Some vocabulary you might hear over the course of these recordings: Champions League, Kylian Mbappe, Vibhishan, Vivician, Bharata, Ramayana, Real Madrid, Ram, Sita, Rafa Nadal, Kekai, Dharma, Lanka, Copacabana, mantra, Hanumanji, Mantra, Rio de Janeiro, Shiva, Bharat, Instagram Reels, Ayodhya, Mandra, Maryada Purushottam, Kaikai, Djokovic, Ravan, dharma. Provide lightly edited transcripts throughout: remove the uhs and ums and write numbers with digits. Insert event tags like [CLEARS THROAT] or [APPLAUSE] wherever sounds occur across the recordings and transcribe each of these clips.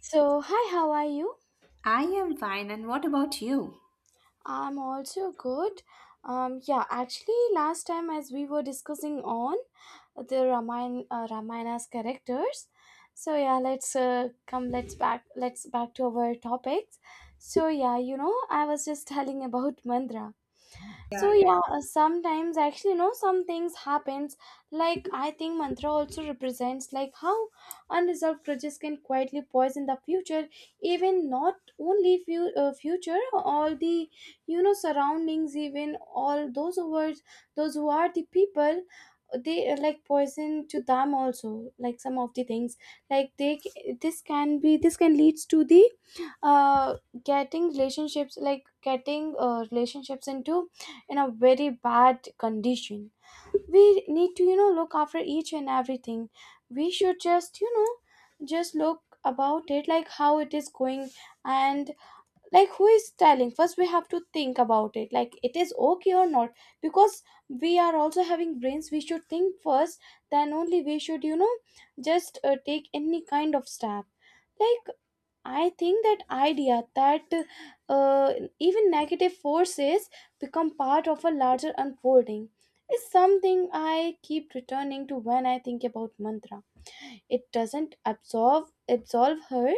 So, hi, how are you? I am fine, and what about you? I'm also good. Last time as we were discussing on the Ramayana, Ramayana's characters. So yeah, let's come. Let's back. Let's back to our topics. I was just telling about [LAUGHS] Mandra. Yeah, yeah. Sometimes actually, some things happens, like I think Mantra also represents like how unresolved grudges can quietly poison the future, even not only few future, all the, surroundings, even all those who are, those who are the people, they are like poison to them also, like some of the things, like this can be, this can leads to the uh getting relationships, like getting relationships into in a very bad condition. We need to, you know, look after each and everything. We should just, you know, just look about it, like how it is going. And like who is telling first, we have to think about it, like it is okay or not, because we are also having brains. We should think first, then only we should, you know, just take any kind of step. Like I think that idea that uh, even negative forces become part of a larger unfolding is something I keep returning to when I think about Mantra. It doesn't absolve her,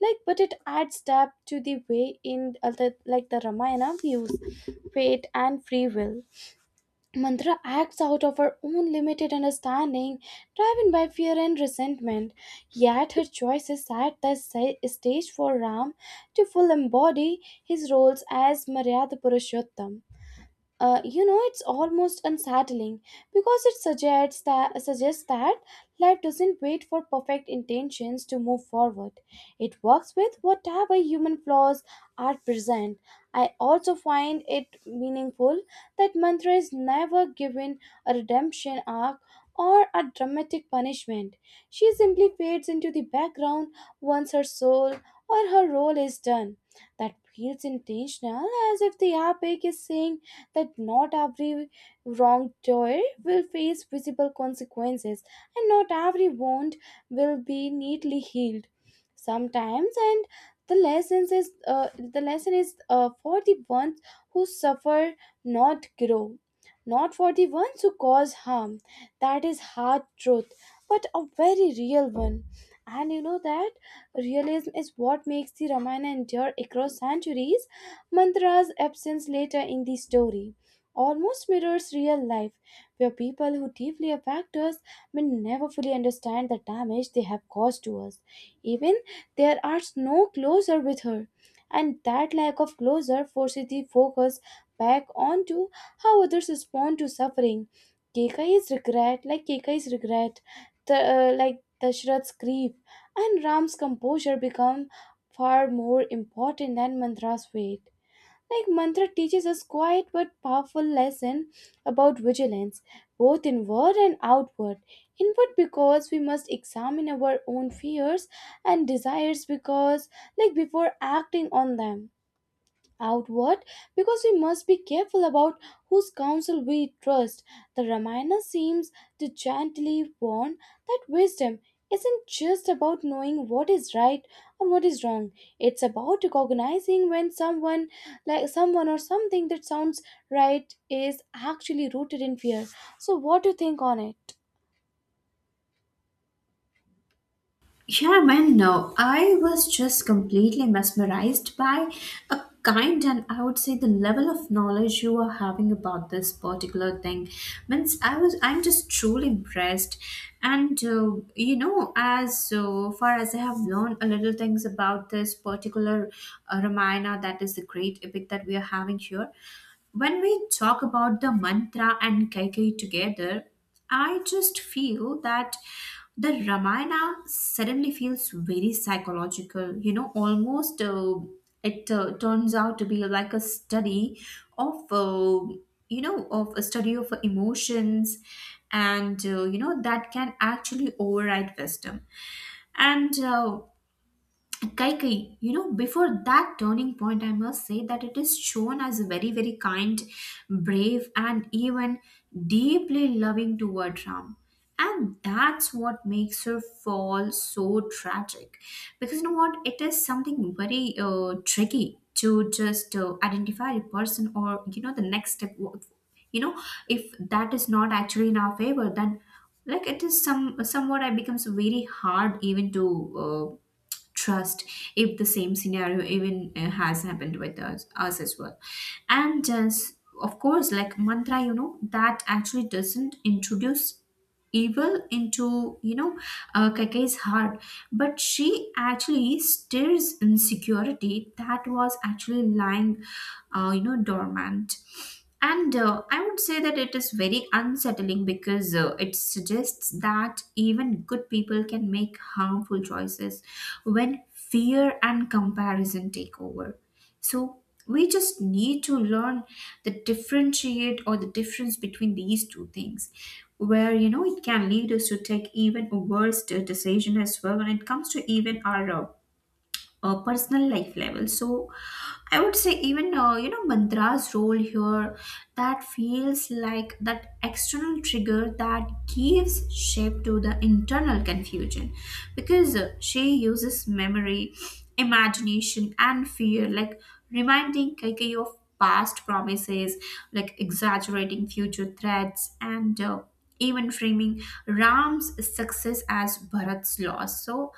like, but it adds depth to the way in other, like the Ramayana views fate and free will. Mantra acts out of her own limited understanding, driven by fear and resentment. Yet her choices set the stage for Ram to full embody his roles as Maryada Purushottam. It's almost unsettling because it suggests that life doesn't wait for perfect intentions to move forward. It works with whatever human flaws are present. I also find it meaningful that Mantra is never given a redemption arc or a dramatic punishment. She simply fades into the background once her soul or her role is done. That feels intentional, as if the epic is saying that not every wrongdoer will face visible consequences and not every wound will be neatly healed sometimes. And the lessons is uh, the lesson is for the ones who suffer, not grow, not for the ones who cause harm. That is hard truth, but a very real one. And you know, that realism is what makes the Ramayana endure across centuries. Mantra's absence later in the story almost mirrors real life, where people who deeply affect us may never fully understand the damage they have caused to us. Even there are no closer with her, and that lack of closure forces the focus back onto how others respond to suffering. Kekai's regret, the, like Dashrath's grief, and Ram's composure become far more important than Mantra's fate. Like Mantra teaches us quiet but powerful lesson about vigilance, both inward and outward. Inward because we must examine our own fears and desires, because like before acting on them. Outward because we must be careful about whose counsel we trust. The Ramayana seems to gently warn that wisdom isn't just about knowing what is right or what is wrong. It's about recognizing when someone or something that sounds right is actually rooted in fear. So what do you think on it? Yeah, man, no. I was just completely mesmerized by a kind and I would say the level of knowledge you are having about this particular thing. Means I'm just truly impressed. And you know, as so far as I have learned a little things about this particular Ramayana, that is the great epic that we are having here. When we talk about the mantra and Kaikai together. I just feel that the Ramayana suddenly feels very psychological, you know, almost it turns out to be like a study of, you know, of a study of emotions and, you know, that can actually override wisdom. And Kaikai, you know, before that turning point, I must say that it is shown as very, very kind, brave, and even deeply loving toward Ram. And that's what makes her fall so tragic. Because you know what? It is something very tricky to just identify a person or, you know, the next step. You know, if that is not actually in our favor, then like it is somewhat it becomes very hard even to. Trust if the same scenario even has happened with us as well, and just of course like mantra, you know, that actually doesn't introduce evil into, you know, kake's heart, but she actually stirs insecurity that was actually lying, you know, dormant. And I would say that it is very unsettling because it suggests that even good people can make harmful choices when fear and comparison take over. So we just need to learn the differentiate or the difference between these two things, where you know it can lead us to take even worse decision as well when it comes to even our personal life level. So I would say even you know, mantra's role here, that feels like that external trigger that gives shape to the internal confusion, because she uses memory, imagination and fear, like reminding Kaikei of past promises, like exaggerating future threats, and even framing ram's success as bharat's loss. So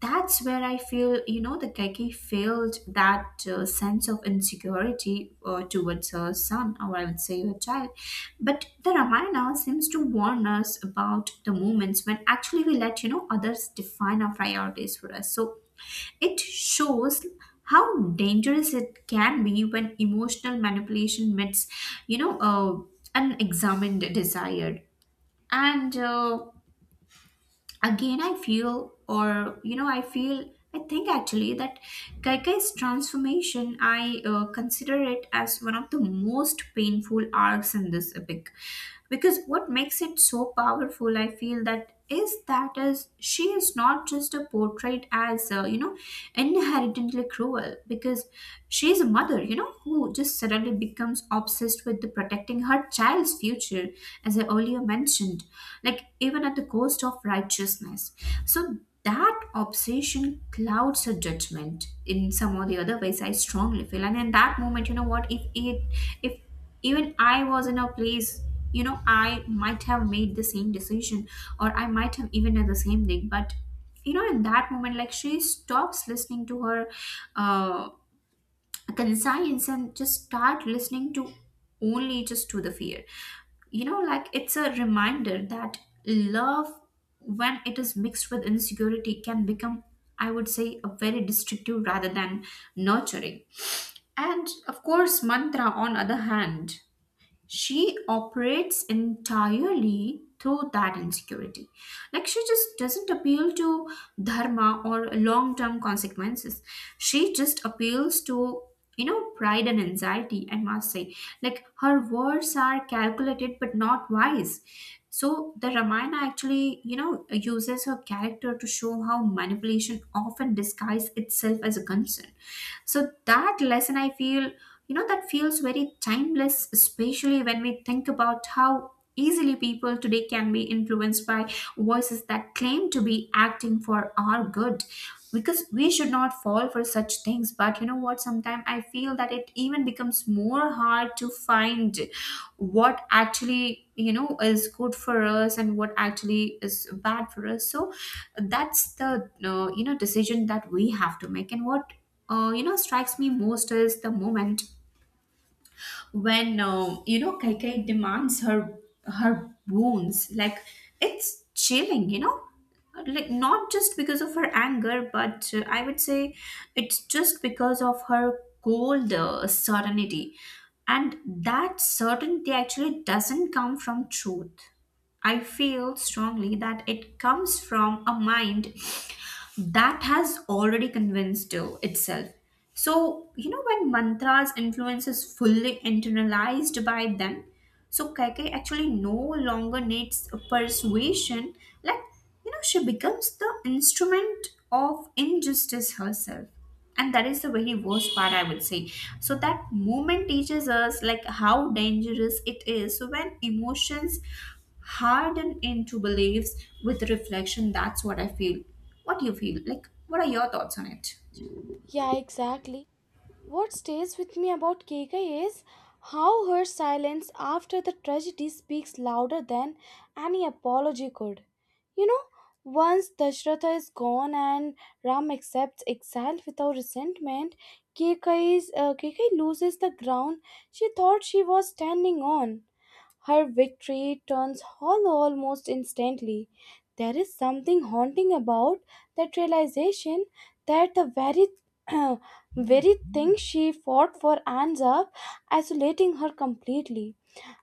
that's where I feel, you know, the Geki failed that sense of insecurity towards her son, or I would say her child. But the Ramayana seems to warn us about the moments when actually we let, you know, others define our priorities for us. So it shows how dangerous it can be when emotional manipulation meets, you know, unexamined desire. And again, I feel or you know I feel I think actually that kaikai's transformation, I consider it as one of the most painful arcs in this epic, because what makes it so powerful, I feel, that is she is not just a portrait as you know, inherently cruel, because she is a mother, you know, who just suddenly becomes obsessed with the protecting her our child's future, as I earlier mentioned, like even at the cost of righteousness. So that obsession clouds her judgment in some or the other ways, I strongly feel. And in that moment, you know what, if even I was in a place, you know, I might have made the same decision, or I might have even done the same thing. But you know, in that moment, like she stops listening to her uh, conscience and just start listening to only just to the fear. You know, like it's a reminder that love, when it is mixed with insecurity, can become, I would say, a very destructive rather than nurturing. And of course, mantra on other hand, she operates entirely through that insecurity. Like she just doesn't appeal to dharma or long term consequences. She just appeals to, you know, pride and anxiety, I must say. Like her words are calculated but not wise. So the ramayana actually, you know, uses her character to show how manipulation often disguises itself as a concern. So that lesson, I feel, you know, that feels very timeless, especially when we think about how easily people today can be influenced by voices that claim to be acting for our good. Because we should not fall for such things, but you know what, sometimes I feel that it even becomes more hard to find what actually, you know, is good for us and what actually is bad for us. So that's the you know, decision that we have to make. And what you know, strikes me most is the moment when you know, Kaikai demands her wounds. Like it's chilling, you know. Like not just because of her anger, but I would say it's just because of her cold certainty, and that certainty actually doesn't come from truth. I feel strongly that it comes from a mind that has already convinced itself. So you know, when mantras influence is fully internalized by them, so kaike actually no longer needs a persuasion. Like, you know, she becomes the instrument of injustice herself, and that is the very worst part, I would say. So that moment teaches us like how dangerous it is so when emotions harden into beliefs with reflection. That's what I feel. What do you feel? Like, what are your thoughts on it? Yeah, exactly. What stays with me about Keika is how her silence after the tragedy speaks louder than any apology could. You know, once Dashratha is gone and Ram accepts exile without resentment, Keika loses the ground she thought she was standing on. Her victory turns hollow almost instantly. There is something haunting about that realization that the very [CLEARS THROAT] very thing she fought for ends up isolating her completely.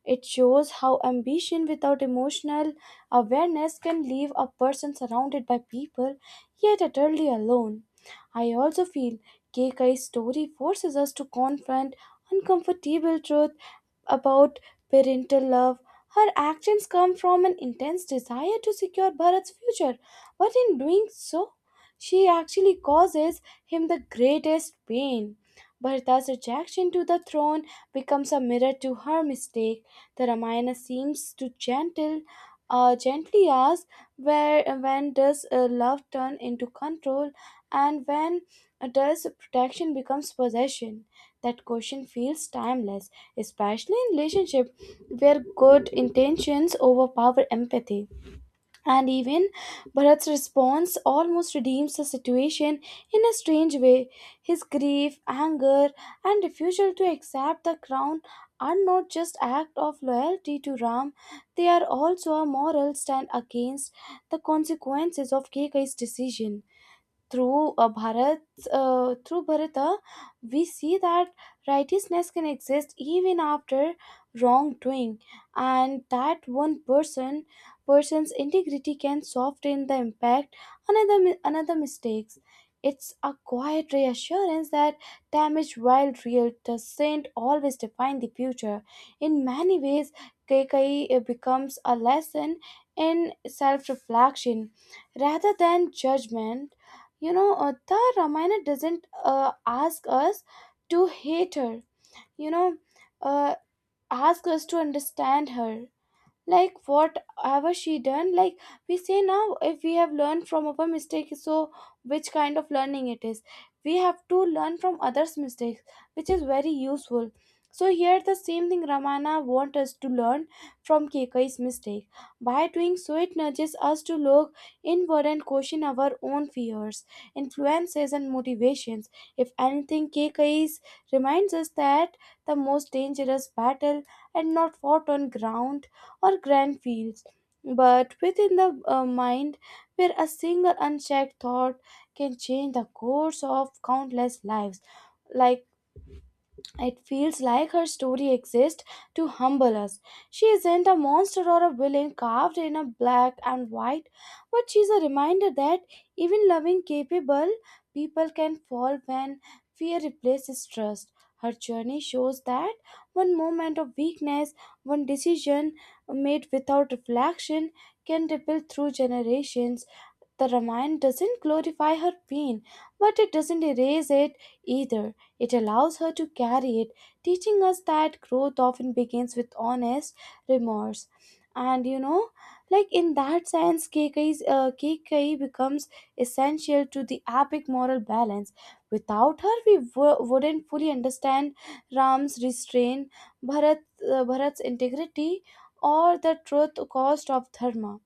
It shows how ambition without emotional awareness can leave a person surrounded by people yet utterly alone. I also feel Keikai's story forces us to confront uncomfortable truths about parental love. Her actions come from an intense desire to secure Bharat's future, but in doing so, she actually causes him the greatest pain. Bharata's rejection to the throne becomes a mirror to her mistake. The Ramayana seems to gently ask where when does love turn into control, and when does protection becomes possession? That question feels timeless, especially in relationship where good intentions overpower empathy. And even Bharat's response almost redeems the situation in a strange way. His grief, anger, and refusal to accept the crown are not just acts of loyalty to Ram, they are also a moral stand against the consequences of Kekai's decision. through uh, Bharat, Through Bharata, we see that righteousness can exist even after wrongdoing, and that one person person's integrity can soften the impact another another mistakes. It's a quiet reassurance that damage, while real, doesn't always define the future. In many ways, Kekai becomes a lesson in self-reflection rather than judgment. You know, the Ramayana doesn't ask us to hate her. You know, uh, ask us to understand her, like whatever she done. Like we say now, if we have learned from our mistake, so which kind of learning it is, we have to learn from others mistakes, which is very useful. So here the same thing Ramana want us to learn from Kekai's mistake. By doing so, it nudges us to look inward and question our own fears, influences and motivations. If anything, Kekai's reminds us that the most dangerous battle and not fought on ground or grand fields, but within the mind, where a single unchecked thought can change the course of countless lives. Like it feels like her story exists to humble us. She isn't a monster or a villain carved in a black and white, but she's a reminder that even loving, capable people can fall when fear replaces trust. Her journey shows that one moment of weakness, one decision made without reflection, can ripple through generations. The Ramayana doesn't glorify her pain, but it doesn't erase it either. It allows her to carry it, teaching us that growth often begins with honest remorse. And you know, like in that sense, Keikai becomes essential to the epic moral balance. Without her, we wouldn't fully understand Ram's restraint, Bharat's integrity, or the truth cost of Dharma.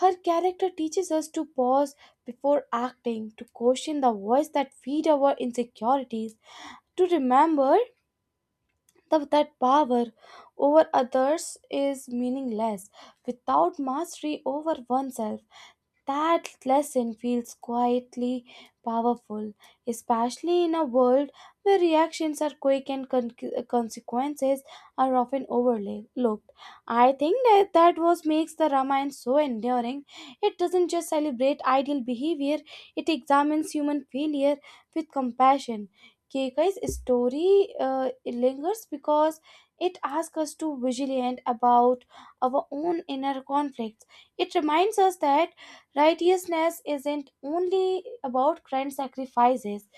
Her character teaches us to pause before acting, to question the voice that feed our insecurities, to remember that power over others is meaningless without mastery over oneself. That lesson feels quietly powerful, especially in a world where reactions are quick and consequences are often overlooked. I think that was makes the Ramayana so enduring. It doesn't just celebrate ideal behavior; it examines human failure with compassion. Keikai's story lingers because it asks us to vigilant about our own inner conflicts. It reminds us that righteousness isn't only about grand sacrifices,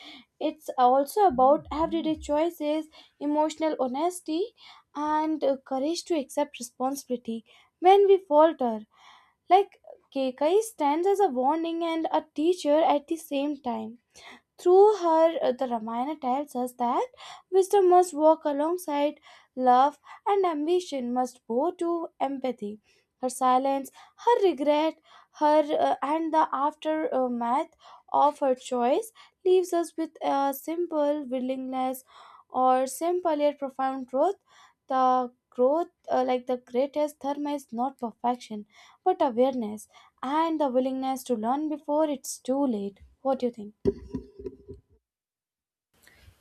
it's also about everyday choices, emotional honesty, and courage to accept responsibility when we falter. Like, Kekai stands as a warning and a teacher at the same time. Through her, the Ramayana tells us that wisdom must walk alongside love, and ambition must bow to empathy. Her silence, her regret, her and the aftermath of her choice leaves us with a simple willingness or simple yet profound truth. The growth, like The greatest dharma is not perfection but awareness and the willingness to learn before it's too late. What do you think?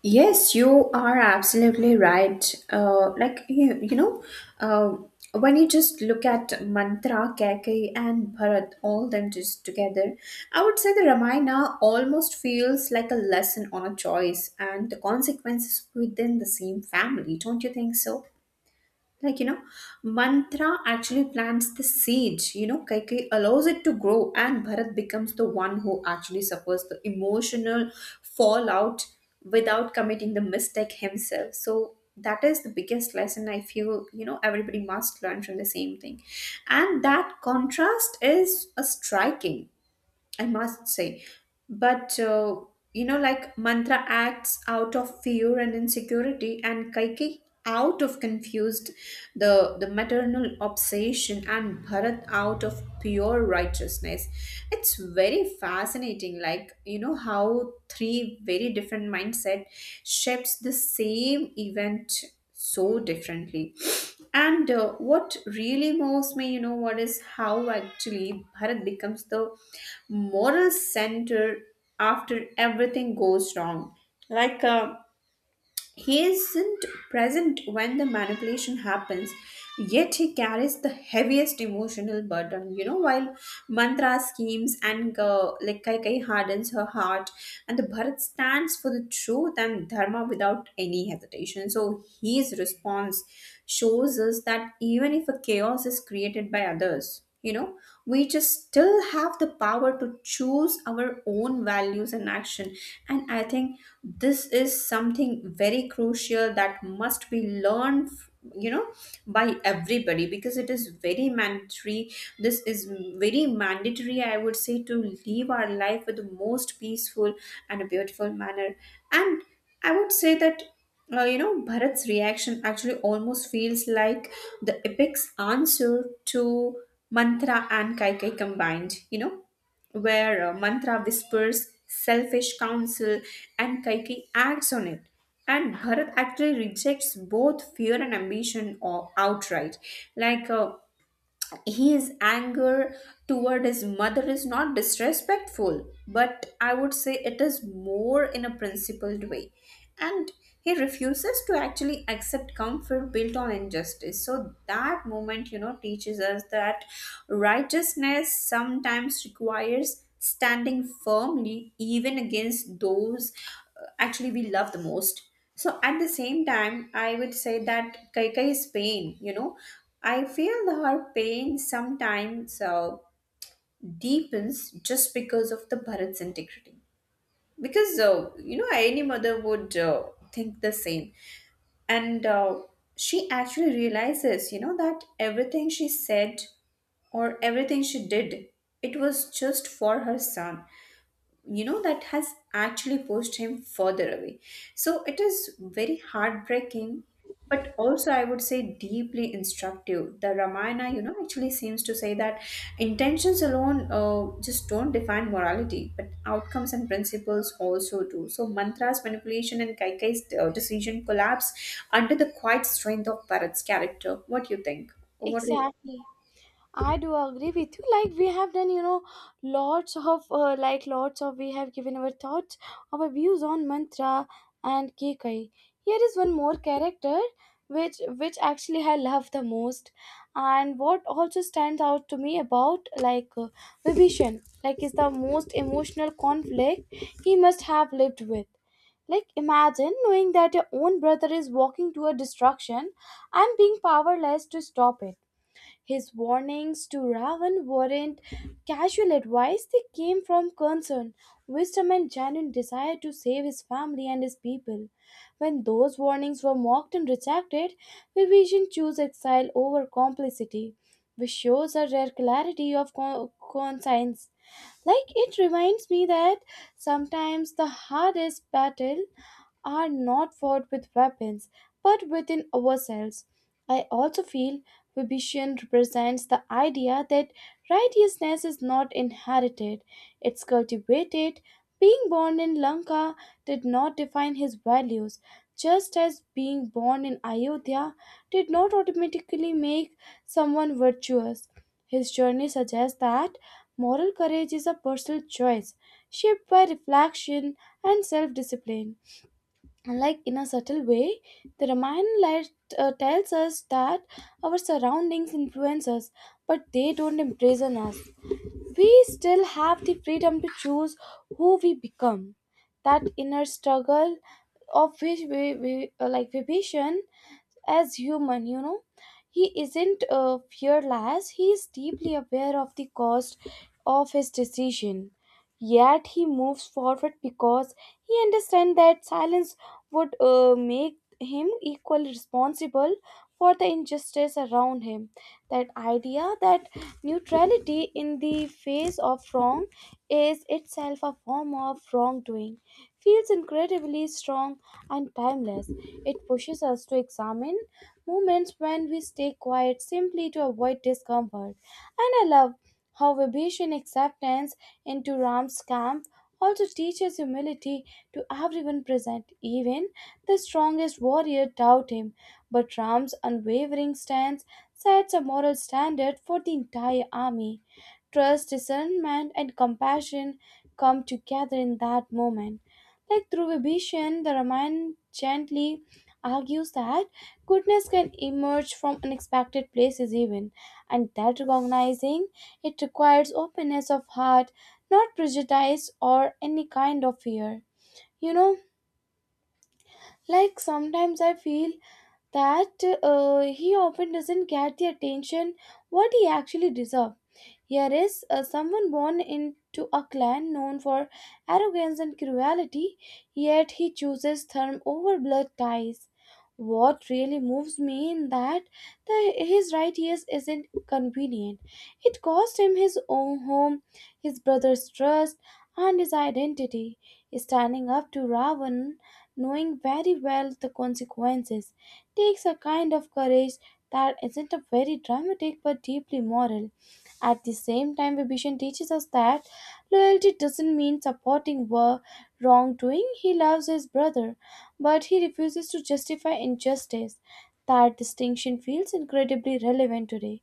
Yes, you are absolutely right. Like you know, uh, when you just look at Mantra, Keikei, and Bharat, all them just together, I would say the Ramayana almost feels like a lesson on a choice and the consequences within the same family. Don't you think so? Like you know, mantra actually plants the seed. You know, kaikeyi allows it to grow, and bharat becomes the one who actually suffers the emotional fallout without committing the mistake himself. So that is the biggest lesson, I feel, you know, everybody must learn from the same thing. And that contrast is a striking, I must say. But you know, like Mantra acts out of fear and insecurity, and Kaiki out of confused the maternal obsession, and Bharat out of pure righteousness. It's very fascinating, like you know, how three very different mindset shapes the same event so differently. And what really moves me, you know, what is how actually Bharat becomes the moral center after everything goes wrong. Like, he isn't present when the manipulation happens, yet he carries the heaviest emotional burden. You know, while mantra schemes and like Kaikai hardens her heart, and the Bharat stands for the truth and dharma without any hesitation. So his response shows us that even if a chaos is created by others, you know, we just still have the power to choose our own values and action. And I think this is something very crucial that must be learned, you know, by everybody, because it is very mandatory. This is very mandatory, I would say, to live our life with the most peaceful and a beautiful manner. And I would say that you know, Bharat's reaction actually almost feels like the epic's answer to Mantra and Kaikai combined, you know, where Mantra whispers selfish counsel and Kaikai acts on it. And Bharat actually rejects both fear and ambition or outright. Like, his anger toward his mother is not disrespectful, but I would say it is more in a principled way. And he refuses to actually accept comfort built on injustice. So that moment, you know, teaches us that righteousness sometimes requires standing firmly even against those actually we love the most. So at the same time, I would say that Kaikai's pain, you know, I feel her pain sometimes deepens just because of the Bharat's integrity. Because, you know, any mother would think the same. And she actually realizes, you know, that everything she said or everything she did, it was just for her son, you know, that has actually pushed him further away. So it is very heartbreaking, but also I would say deeply instructive. The ramayana, you know, actually seems to say that intentions alone just don't define morality, but outcomes and principles also do. So mantra's manipulation and kaikai's decision collapse under the quiet strength of bharat's character. What do you think? What do you? Exactly. I do agree with you. Like we have done, you know, lots of, we have given our thoughts, our views on Mantra and Kekai. Here is one more character which actually I love the most, and what also stands out to me about Vibhishan, like is the most emotional conflict he must have lived with. Like imagine knowing that your own brother is walking to a destruction and being powerless to stop it. His warnings to Ravan weren't casual advice, they came from concern, wisdom, and genuine desire to save his family and his people. When those warnings were mocked and rejected, Vivician chose exile over complicity, which shows a rare clarity of conscience. Like it reminds me that sometimes the hardest battle are not fought with weapons but within ourselves. I also feel Vibhishan represents the idea that righteousness is not inherited, it's cultivated. Being born in Lanka did not define his values, just as being born in Ayodhya did not automatically make someone virtuous. His journey suggests that moral courage is a personal choice shaped by reflection and self discipline. Like in a subtle way, the Ramayana tells us that our surroundings influence us, but they don't imprison us. We still have the freedom to choose who we become. That inner struggle of which we, like Vibhishan as human, he isn't fearless. He is deeply aware of the cost of his decision, yet he moves forward because he understands that silence would make him equally responsible for the injustice around him. That idea, that neutrality in the face of wrong is itself a form of wrongdoing, feels incredibly strong and timeless. It pushes us to examine moments when we stay quiet simply to avoid discomfort. And I love how Vibhishan acceptance into Ram's camp also teaches humility to everyone present. Even the strongest warrior doubt him, but Ram's unwavering stance sets a moral standard for the entire army. Trust, discernment, and compassion come together in that moment. Like through Vibhishan, the Ramayana gently argues that goodness can emerge from unexpected places even, and that recognizing it requires openness of heart, not prejudice or any kind of fear. You know, like sometimes I feel that he often doesn't get the attention what he actually deserves. Here is someone born into a clan known for arrogance and cruelty, yet he chooses therm over blood ties. What really moves me in that his right ears isn't convenient. It cost him his own home, his brother's trust, and his identity. Standing up to Ravan, knowing very well the consequences, takes a kind of courage that isn't a very dramatic but deeply moral. At the same time, Vibhishan teaches us that loyalty doesn't mean supporting war wrongdoing. He loves his brother, but he refuses to justify injustice. That distinction feels incredibly relevant today,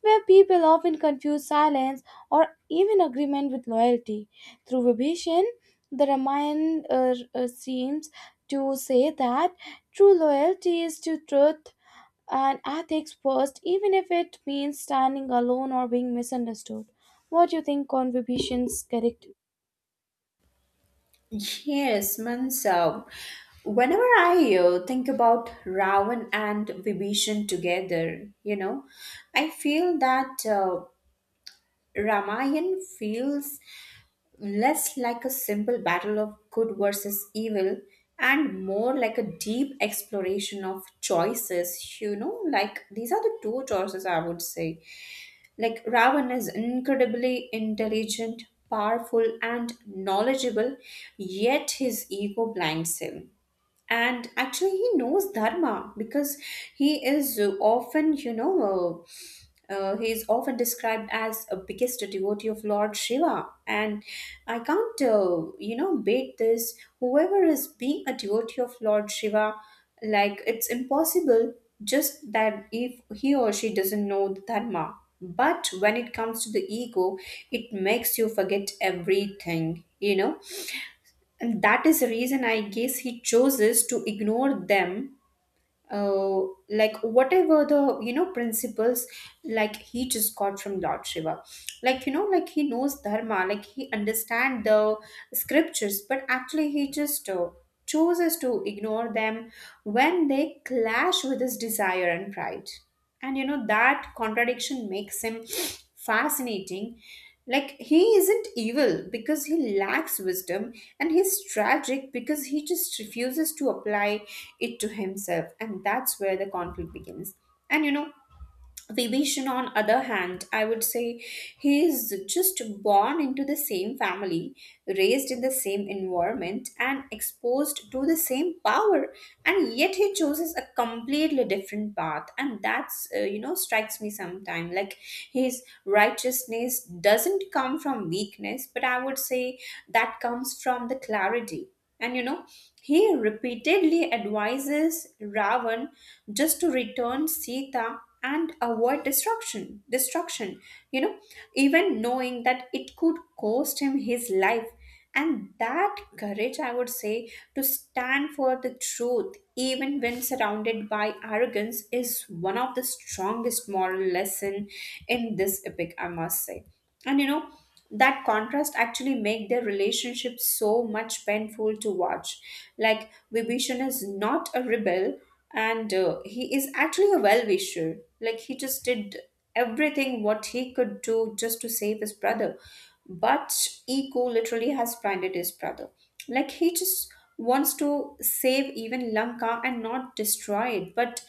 where people often confuse silence or even agreement with loyalty. Through Vibhishan, the Ramayana seems to say that true loyalty is to truth and ethics first, even if it means standing alone or being misunderstood. What do you think on Vibhishan's character? Yes, Mansa. Whenever I think about Ravan and Vibhishan together, you know, I feel that Ramayan feels less like a simple battle of good versus evil and more like a deep exploration of choices. You know, like these are the two choices, I would say. Like Ravan is incredibly intelligent, powerful, and knowledgeable, yet his ego blinds him. And actually, he knows Dharma because he is often, you know, uh, he is often described as a biggest devotee of Lord Shiva, and I can't, you know, bait this. Whoever is being a devotee of Lord Shiva, like, it's impossible just that if he or she doesn't know the Dharma. But when it comes to the ego, it makes you forget everything, you know, and that is the reason I guess he chooses to ignore them, uh, like whatever the principles like he just got from Lord Shiva, like, like, he knows Dharma, like he understand the scriptures, but actually he just chooses to ignore them when they clash with his desire and pride. And you know, that contradiction makes him [SNIFFS] fascinating. Like, he isn't evil because he lacks wisdom, and he's tragic because he just refuses to apply it to himself, and that's where the conflict begins. And you know, Vibhishan, on other hand, I would say he is just born into the same family, raised in the same environment, and exposed to the same power, and yet he chooses a completely different path, and that's you know, strikes me sometimes. Like, his righteousness doesn't come from weakness, but I would say that comes from the clarity. And you know, he repeatedly advises Ravan just to return Sita and avoid destruction. Destruction, you know, even knowing that it could cost him his life. And that courage, I would say, to stand for the truth, even when surrounded by arrogance, is one of the strongest moral lesson in this epic, I must say. And you know, that contrast actually make their relationship so much painful to watch. Like, Vibhishan is not a rebel, and he is actually a well-wisher. Like, he just did everything what he could do just to save his brother. But Eko literally has blinded his brother. Like, he just wants to save even Lanka and not destroy it, but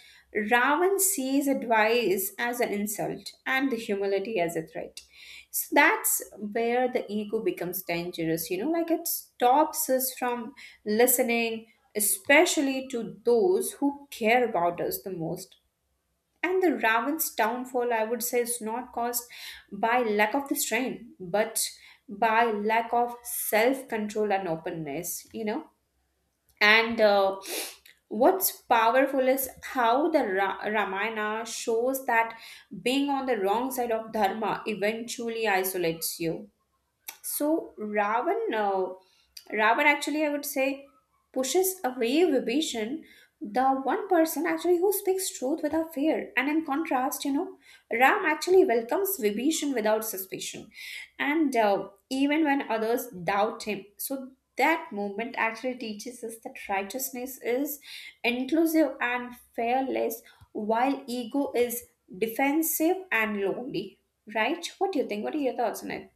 Ravan sees advice as an insult and the humility as a threat. So that's where the ego becomes dangerous, you know, like it stops us from listening, especially to those who care about us the most. And the Raven's downfall, I would say, is not caused by lack of the strain, but by lack of self control and openness, you know. And What's powerful is how the Ramayana shows that being on the wrong side of Dharma eventually isolates you. So Ravan, Ravan actually, I would say, pushes away Vibhishan, the one person actually who speaks truth without fear. And in contrast, you know, Ram actually welcomes Vibhishan without suspicion, and even when others doubt him. So that movement actually teaches us that righteousness is inclusive and fearless, while ego is defensive and lonely. Right? What do you think? What are your thoughts on it?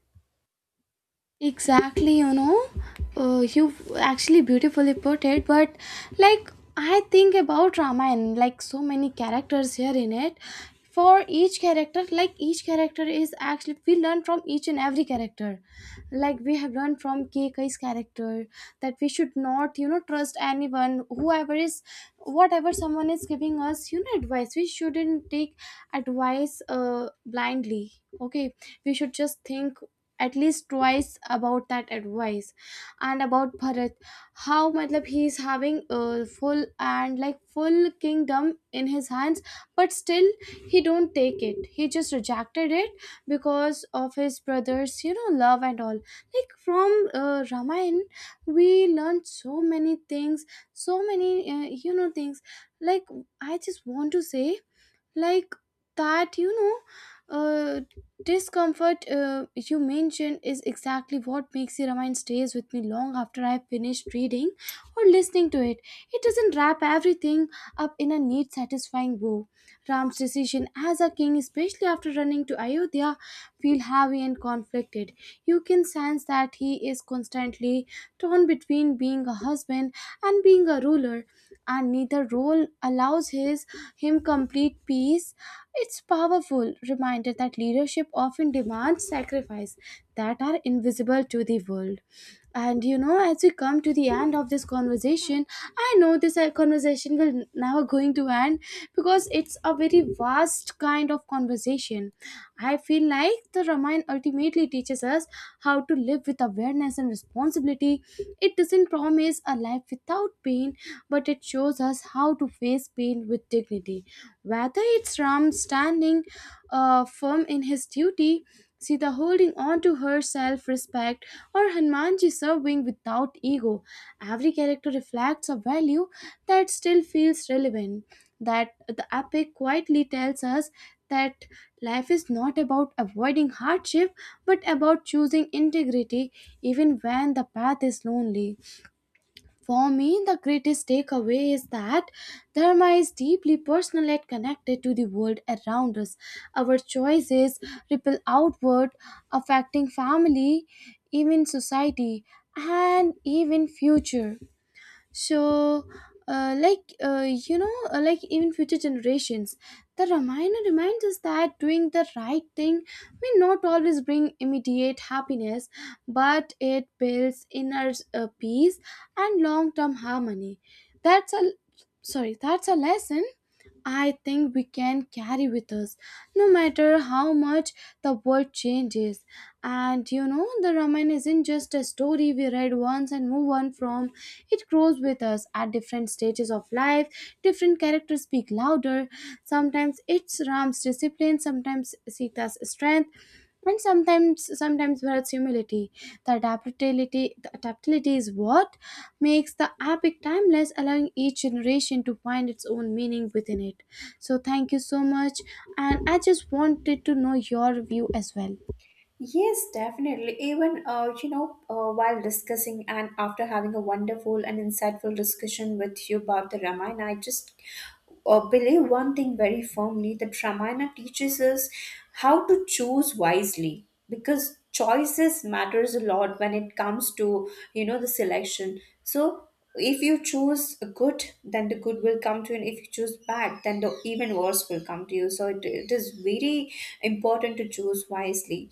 Exactly, you actually beautifully put it, but like I think about Ramayana, like so many characters here in it. For each character, like each character is actually, we learn from each and every character. Like we have learned from Kei's character that we should not trust anyone, whoever is, whatever someone is giving us advice. We shouldn't take advice blindly. Okay, we should just think at least twice about that advice. And about Bharat, how matlab he is having a full and like full kingdom in his hands, but still he don't take it, he just rejected it because of his brothers love and all. Like from Ramayana, we learned so many things, so many things. Like I just want to say, like, that uh, discomfort you mentioned is exactly what makes your mind stays with me long after I finished reading or listening to it. It doesn't wrap everything up in a neat, satisfying bow. Ram's decision as a king, especially after running to Ayodhya, feel heavy and conflicted. You can sense that he is constantly torn between being a husband and being a ruler, and neither role allows his him complete peace. It's powerful reminder that leadership often demands sacrifice that are invisible to the world. And as we come to the end of this conversation, I know this conversation will never going to end, because it's a very vast kind of conversation. I feel like the Ramayana ultimately teaches us how to live with awareness and responsibility. It doesn't promise a life without pain, but it shows us how to face pain with dignity. Whether it's Ram standing firm in his duty, Sita holding on to her self respect, or Hanumanji serving without ego, every character reflects a value that still feels relevant. That the epic quietly tells us that life is not about avoiding hardship but about choosing integrity, even when the path is lonely. For me, the greatest takeaway is that Dharma is deeply personal and connected to the world around us. Our choices ripple outward, affecting family, even society, and even future. So like even future generations, the Ramayana reminds us that doing the right thing may not always bring immediate happiness, but it builds inner peace and long-term harmony. That's a sorry that's a lesson I think we can carry with us, no matter how much the world changes. And you know, the Ramayana isn't just a story we read once and move on from. It grows with us at different stages of life. Different characters speak louder. Sometimes it's Ram's discipline, sometimes Sita's strength, and sometimes whereas humility. The adaptability is what makes the epic timeless, allowing each generation to find its own meaning within it. So thank you so much, and I just wanted to know your view as well. Yes, definitely. Even while discussing and after having a wonderful and insightful discussion with you about the Ramayana, I just believe one thing very firmly, that Ramayana teaches us how to choose wisely, because choices matters a lot when it comes to, you know, the selection. So if you choose good, then the good will come to you, and if you choose bad, then the even worse will come to you. So it is very important to choose wisely.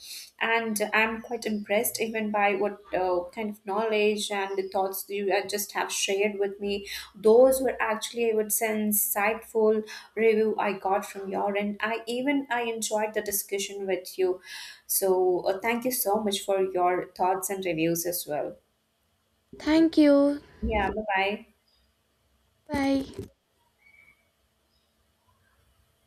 And I'm quite impressed even by what kind of knowledge and the thoughts you just have shared with me. Those were actually, I would say, insightful review I got from your end. I enjoyed the discussion with you. So thank you so much for your thoughts and reviews as well. Thank you. Yeah, bye bye. Bye.